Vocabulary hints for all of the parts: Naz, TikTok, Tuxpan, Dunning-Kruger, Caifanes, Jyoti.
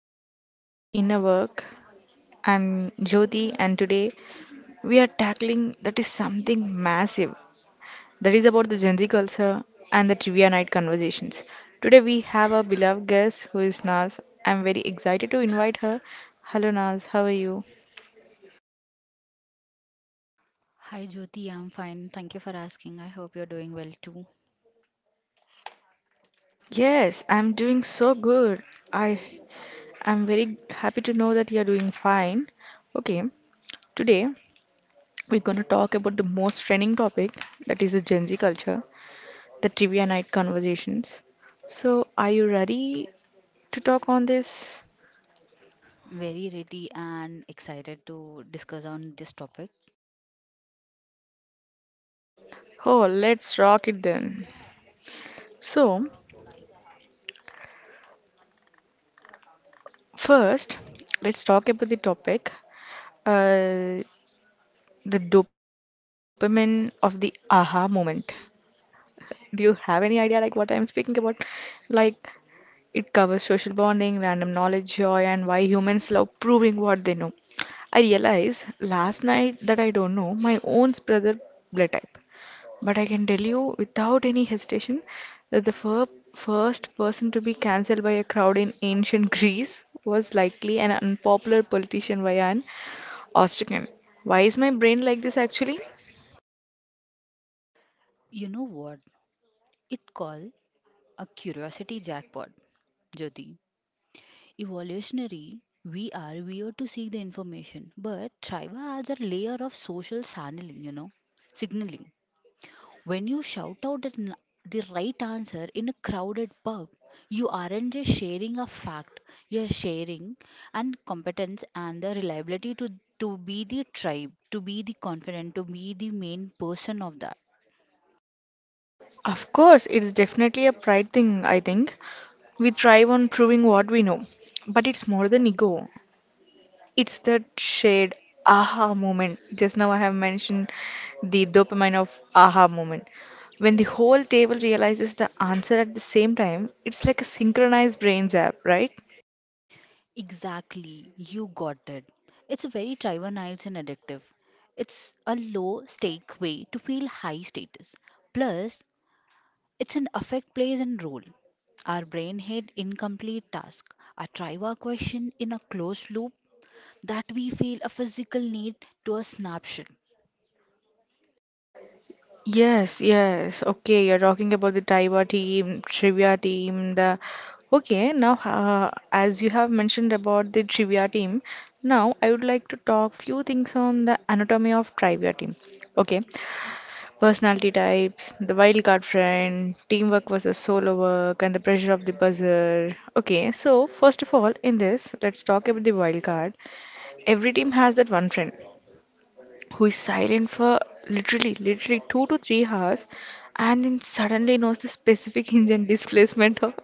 welcome back to the inner work. I'm Jyoti, and today we are tackling that is something massive, that is about the Gen Z culture and the trivia night conversations. Today we have our beloved guest who is Naz. I'm very excited to invite her. Hello Naz, how are you? Hi Jyoti, I'm fine. Thank you for asking. I hope you're doing well too. Yes, I'm doing so good. I am very happy to know that you're doing fine. Okay, today we're going to talk about the most trending topic, that is the Gen Z culture, the trivia night conversations. So, are you ready to talk on this? Very ready and excited to discuss on this topic. Oh, let's rock it then. So, first, let's talk about the topic, uh, the dopamine of the aha moment. Do you have any idea like what I'm speaking about? Like, it covers social bonding, random knowledge, joy, and why humans love proving what they know. I realized last night that I don't know my own brother blood type. But I can tell you without any hesitation that the first person to be cancelled by a crowd in ancient Greece was likely an unpopular politician via an ostracan. Why is my brain like this actually? You know what? It called a curiosity jackpot, Jyoti. Evolutionary, we are weird to seek the information, but tribal adds a layer of social signaling, signaling. When you shout out the right answer in a crowded pub, you aren't just sharing a fact, you're sharing and competence and the reliability to be the tribe, to be the confident, to be the main person of that. Of course, it's definitely a pride thing, I think. We thrive on proving what we know, but it's more than ego. It's that shared aha moment. Just now I have mentioned the dopamine of aha moment. When the whole table realizes the answer at the same time, it's like a synchronized brain zap, right? Exactly, you got it. It's a very trivialized and addictive. It's a low stake way to feel high status. Plus, it's an affect plays and role. Our brain had incomplete task, a triva question in a closed loop that we feel a physical need to a snapshot. Yes, yes. Okay, you're talking about the Taiwa team, trivia team, the. Okay, now as you have mentioned about the trivia team, now I would like to talk few things on the anatomy of trivia team. Okay, personality types, the wildcard friend, teamwork versus solo work, and the pressure of the buzzer. Okay, so first of all, in this, let's talk about the wildcard. Every team has that one friend who is silent for literally, literally 2 to 3 hours and then suddenly knows the specific engine displacement of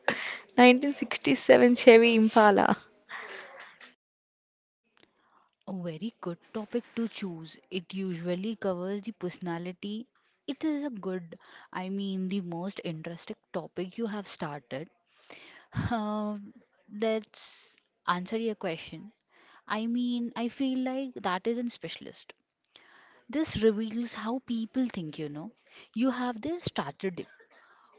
1967 Chevy Impala. A very good topic to choose. It usually covers the personality. It is a good, I mean, the most interesting topic you have started. Uh, let's answer your question. I mean, I feel like that is a specialist. This reveals how people think, you know. You have the strategist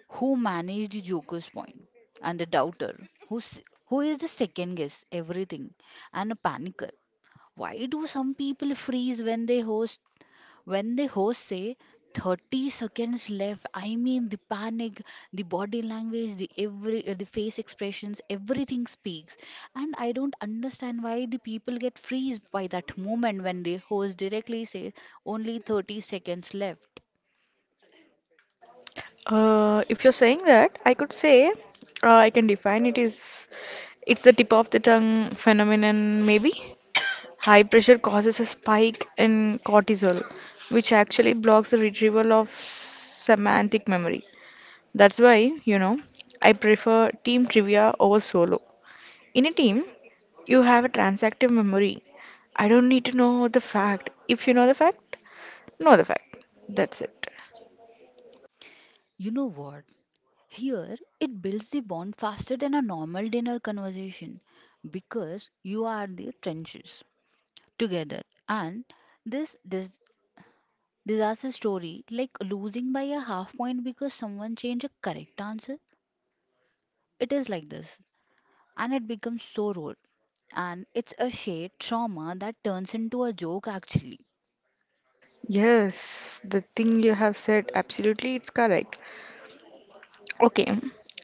who managed the Joker's point, and the doubter who is the second guess everything, and a panicker. Why do some people freeze when they host when the host say 30 seconds left, I mean the panic, the body language, the every the face expressions, everything speaks. And I don't understand why the people get freezed by that moment when the host directly says only 30 seconds left. If you're saying that, I could say I can define it is it's the tip of the tongue phenomenon, maybe. High pressure causes a spike in cortisol, which actually blocks the retrieval of semantic memory. That's why, you know, I prefer team trivia over solo. In a team, you have a transactive memory. I don't need to know the fact. If you know the fact, know the fact. That's it. You know what? Here, it builds the bond faster than a normal dinner conversation because you are the trenches together and this disaster story like losing by a half point because someone changed a correct answer, it is like this and it becomes so rude, and it's a shared trauma that turns into a joke actually. Yes, the thing you have said, absolutely, it's correct. Okay,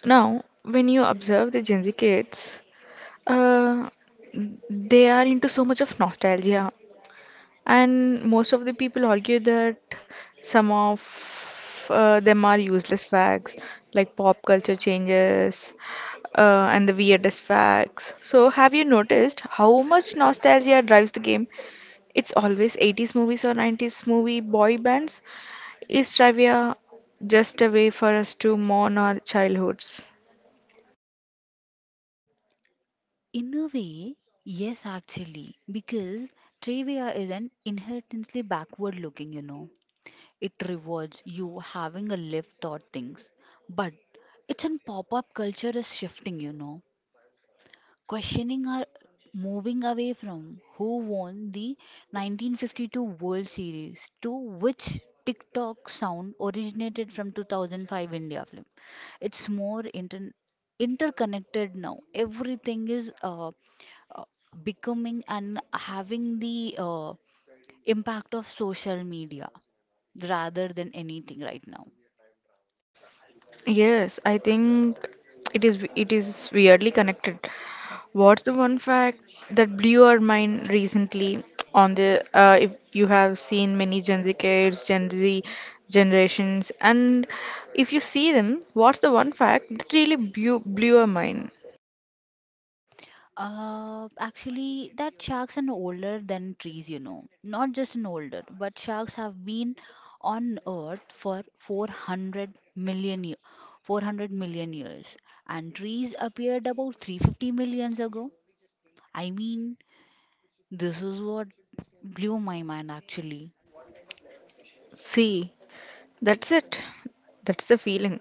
now when you observe the Gen Z kids, uh, they are into so much of nostalgia, and most of the people argue that some of them are useless facts like pop culture changes, and the weirdest facts. So have you noticed how much nostalgia drives the game? It's always 80s movies or 90s movie boy bands. Is trivia just a way for us to mourn our childhoods? In a way, yes, actually, because trivia is an inherently backward looking, you know. It rewards you having a lived thought things, but it's in pop-up culture is shifting, you know. Questioning are moving away from who won the 1952 World Series to which TikTok sound originated from 2005 India film. It's more interconnected now. Everything is uh, becoming and having the impact of social media rather than anything right now. Yes, I think it is weirdly connected. What's the one fact that blew our mind recently on the if you have seen many Gen Z kids, Gen Z generations, and if you see them, what's the one fact that really blew our mind? Actually, that sharks are older than trees, you know. Not just an older, but sharks have been on Earth for 400 million years. 400 million years. And trees appeared about 350 millions ago. I mean, this is what blew my mind actually. See, that's it. That's the feeling.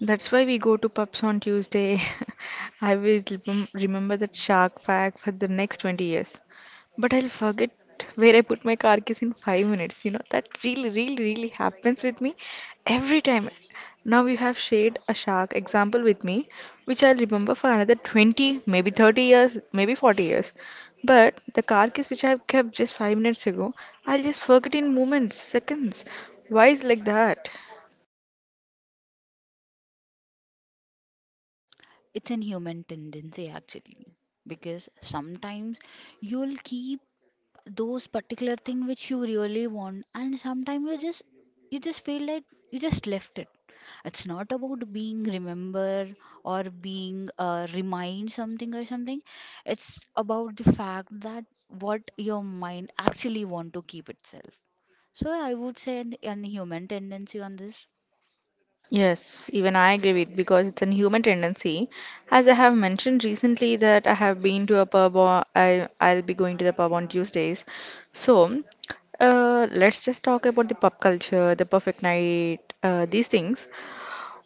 That's why we go to pubs on Tuesday. I will remember that shark fact for the next 20 years. But I'll forget where I put my car keys in 5 minutes. You know, that really, really, really happens with me every time. Now you have shared a shark example with me, which I'll remember for another 20, maybe 30 years, maybe 40 years. But the car keys which I've kept just 5 minutes ago, I'll just forget in moments, seconds. Why is like that? It's an human tendency actually. Because sometimes you'll keep those particular thing which you really want, and sometimes you just feel like you just left it. It's not about being remember or being remind something or something. It's about the fact that what your mind actually want to keep itself. So I would say an human tendency on this. Yes, even I agree with because it's a human tendency. As I have mentioned recently that I have been to a pub, or I'll be going to the pub on Tuesdays. So, let's just talk about the pub culture, the perfect night, these things.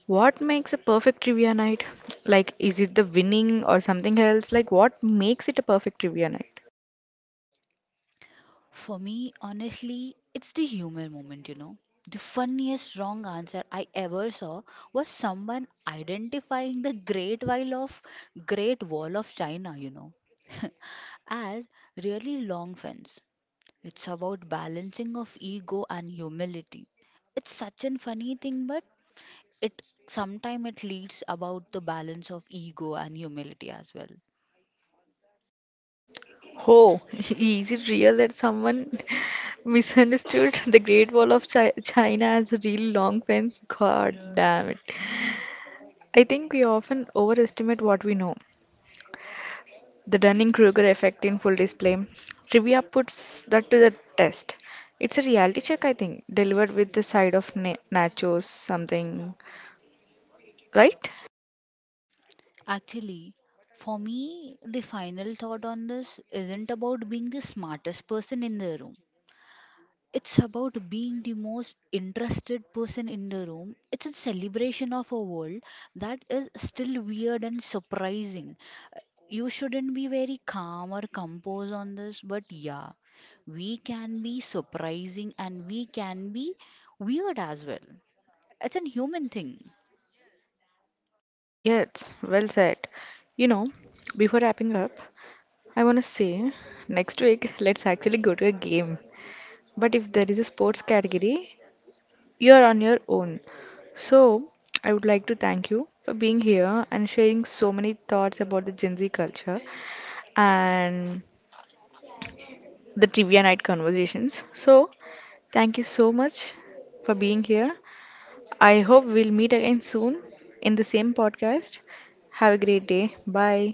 What makes a perfect trivia night? Like, is it the winning or something else? Like, what makes it a perfect trivia night? For me, honestly, it's the humor moment, you know. The funniest wrong answer I ever saw was someone identifying the Great Wall of China, you know, as really long fence. It's about balancing of ego and humility. It's such a funny thing, but it sometimes it leads about the balance of ego and humility as well. Oh, is it real that someone misunderstood the Great Wall of China as a real long fence? God damn it. I think we often overestimate what we know. The Dunning-Kruger effect in full display. Trivia puts that to the test. It's a reality check, I think, delivered with the side of na nachos, something, right? Actually, for me, the final thought on this isn't about being the smartest person in the room. It's about being the most interested person in the room. It's a celebration of a world that is still weird and surprising. Uh, You shouldn't be very calm or composed on this, but yeah, we can be surprising and we can be weird as well. It's a human thing. Yes, well said. You know, before wrapping up, I want to say next week, let's actually go to a game. But if there is a sports category, you are on your own. So, I would like to thank you for being here and sharing so many thoughts about the Gen Z culture and the trivia night conversations. So, thank you so much for being here. I hope we'll meet again soon in the same podcast. Have a great day. Bye.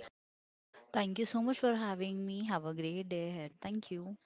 Thank you so much for having me. Have a great day ahead. Thank you.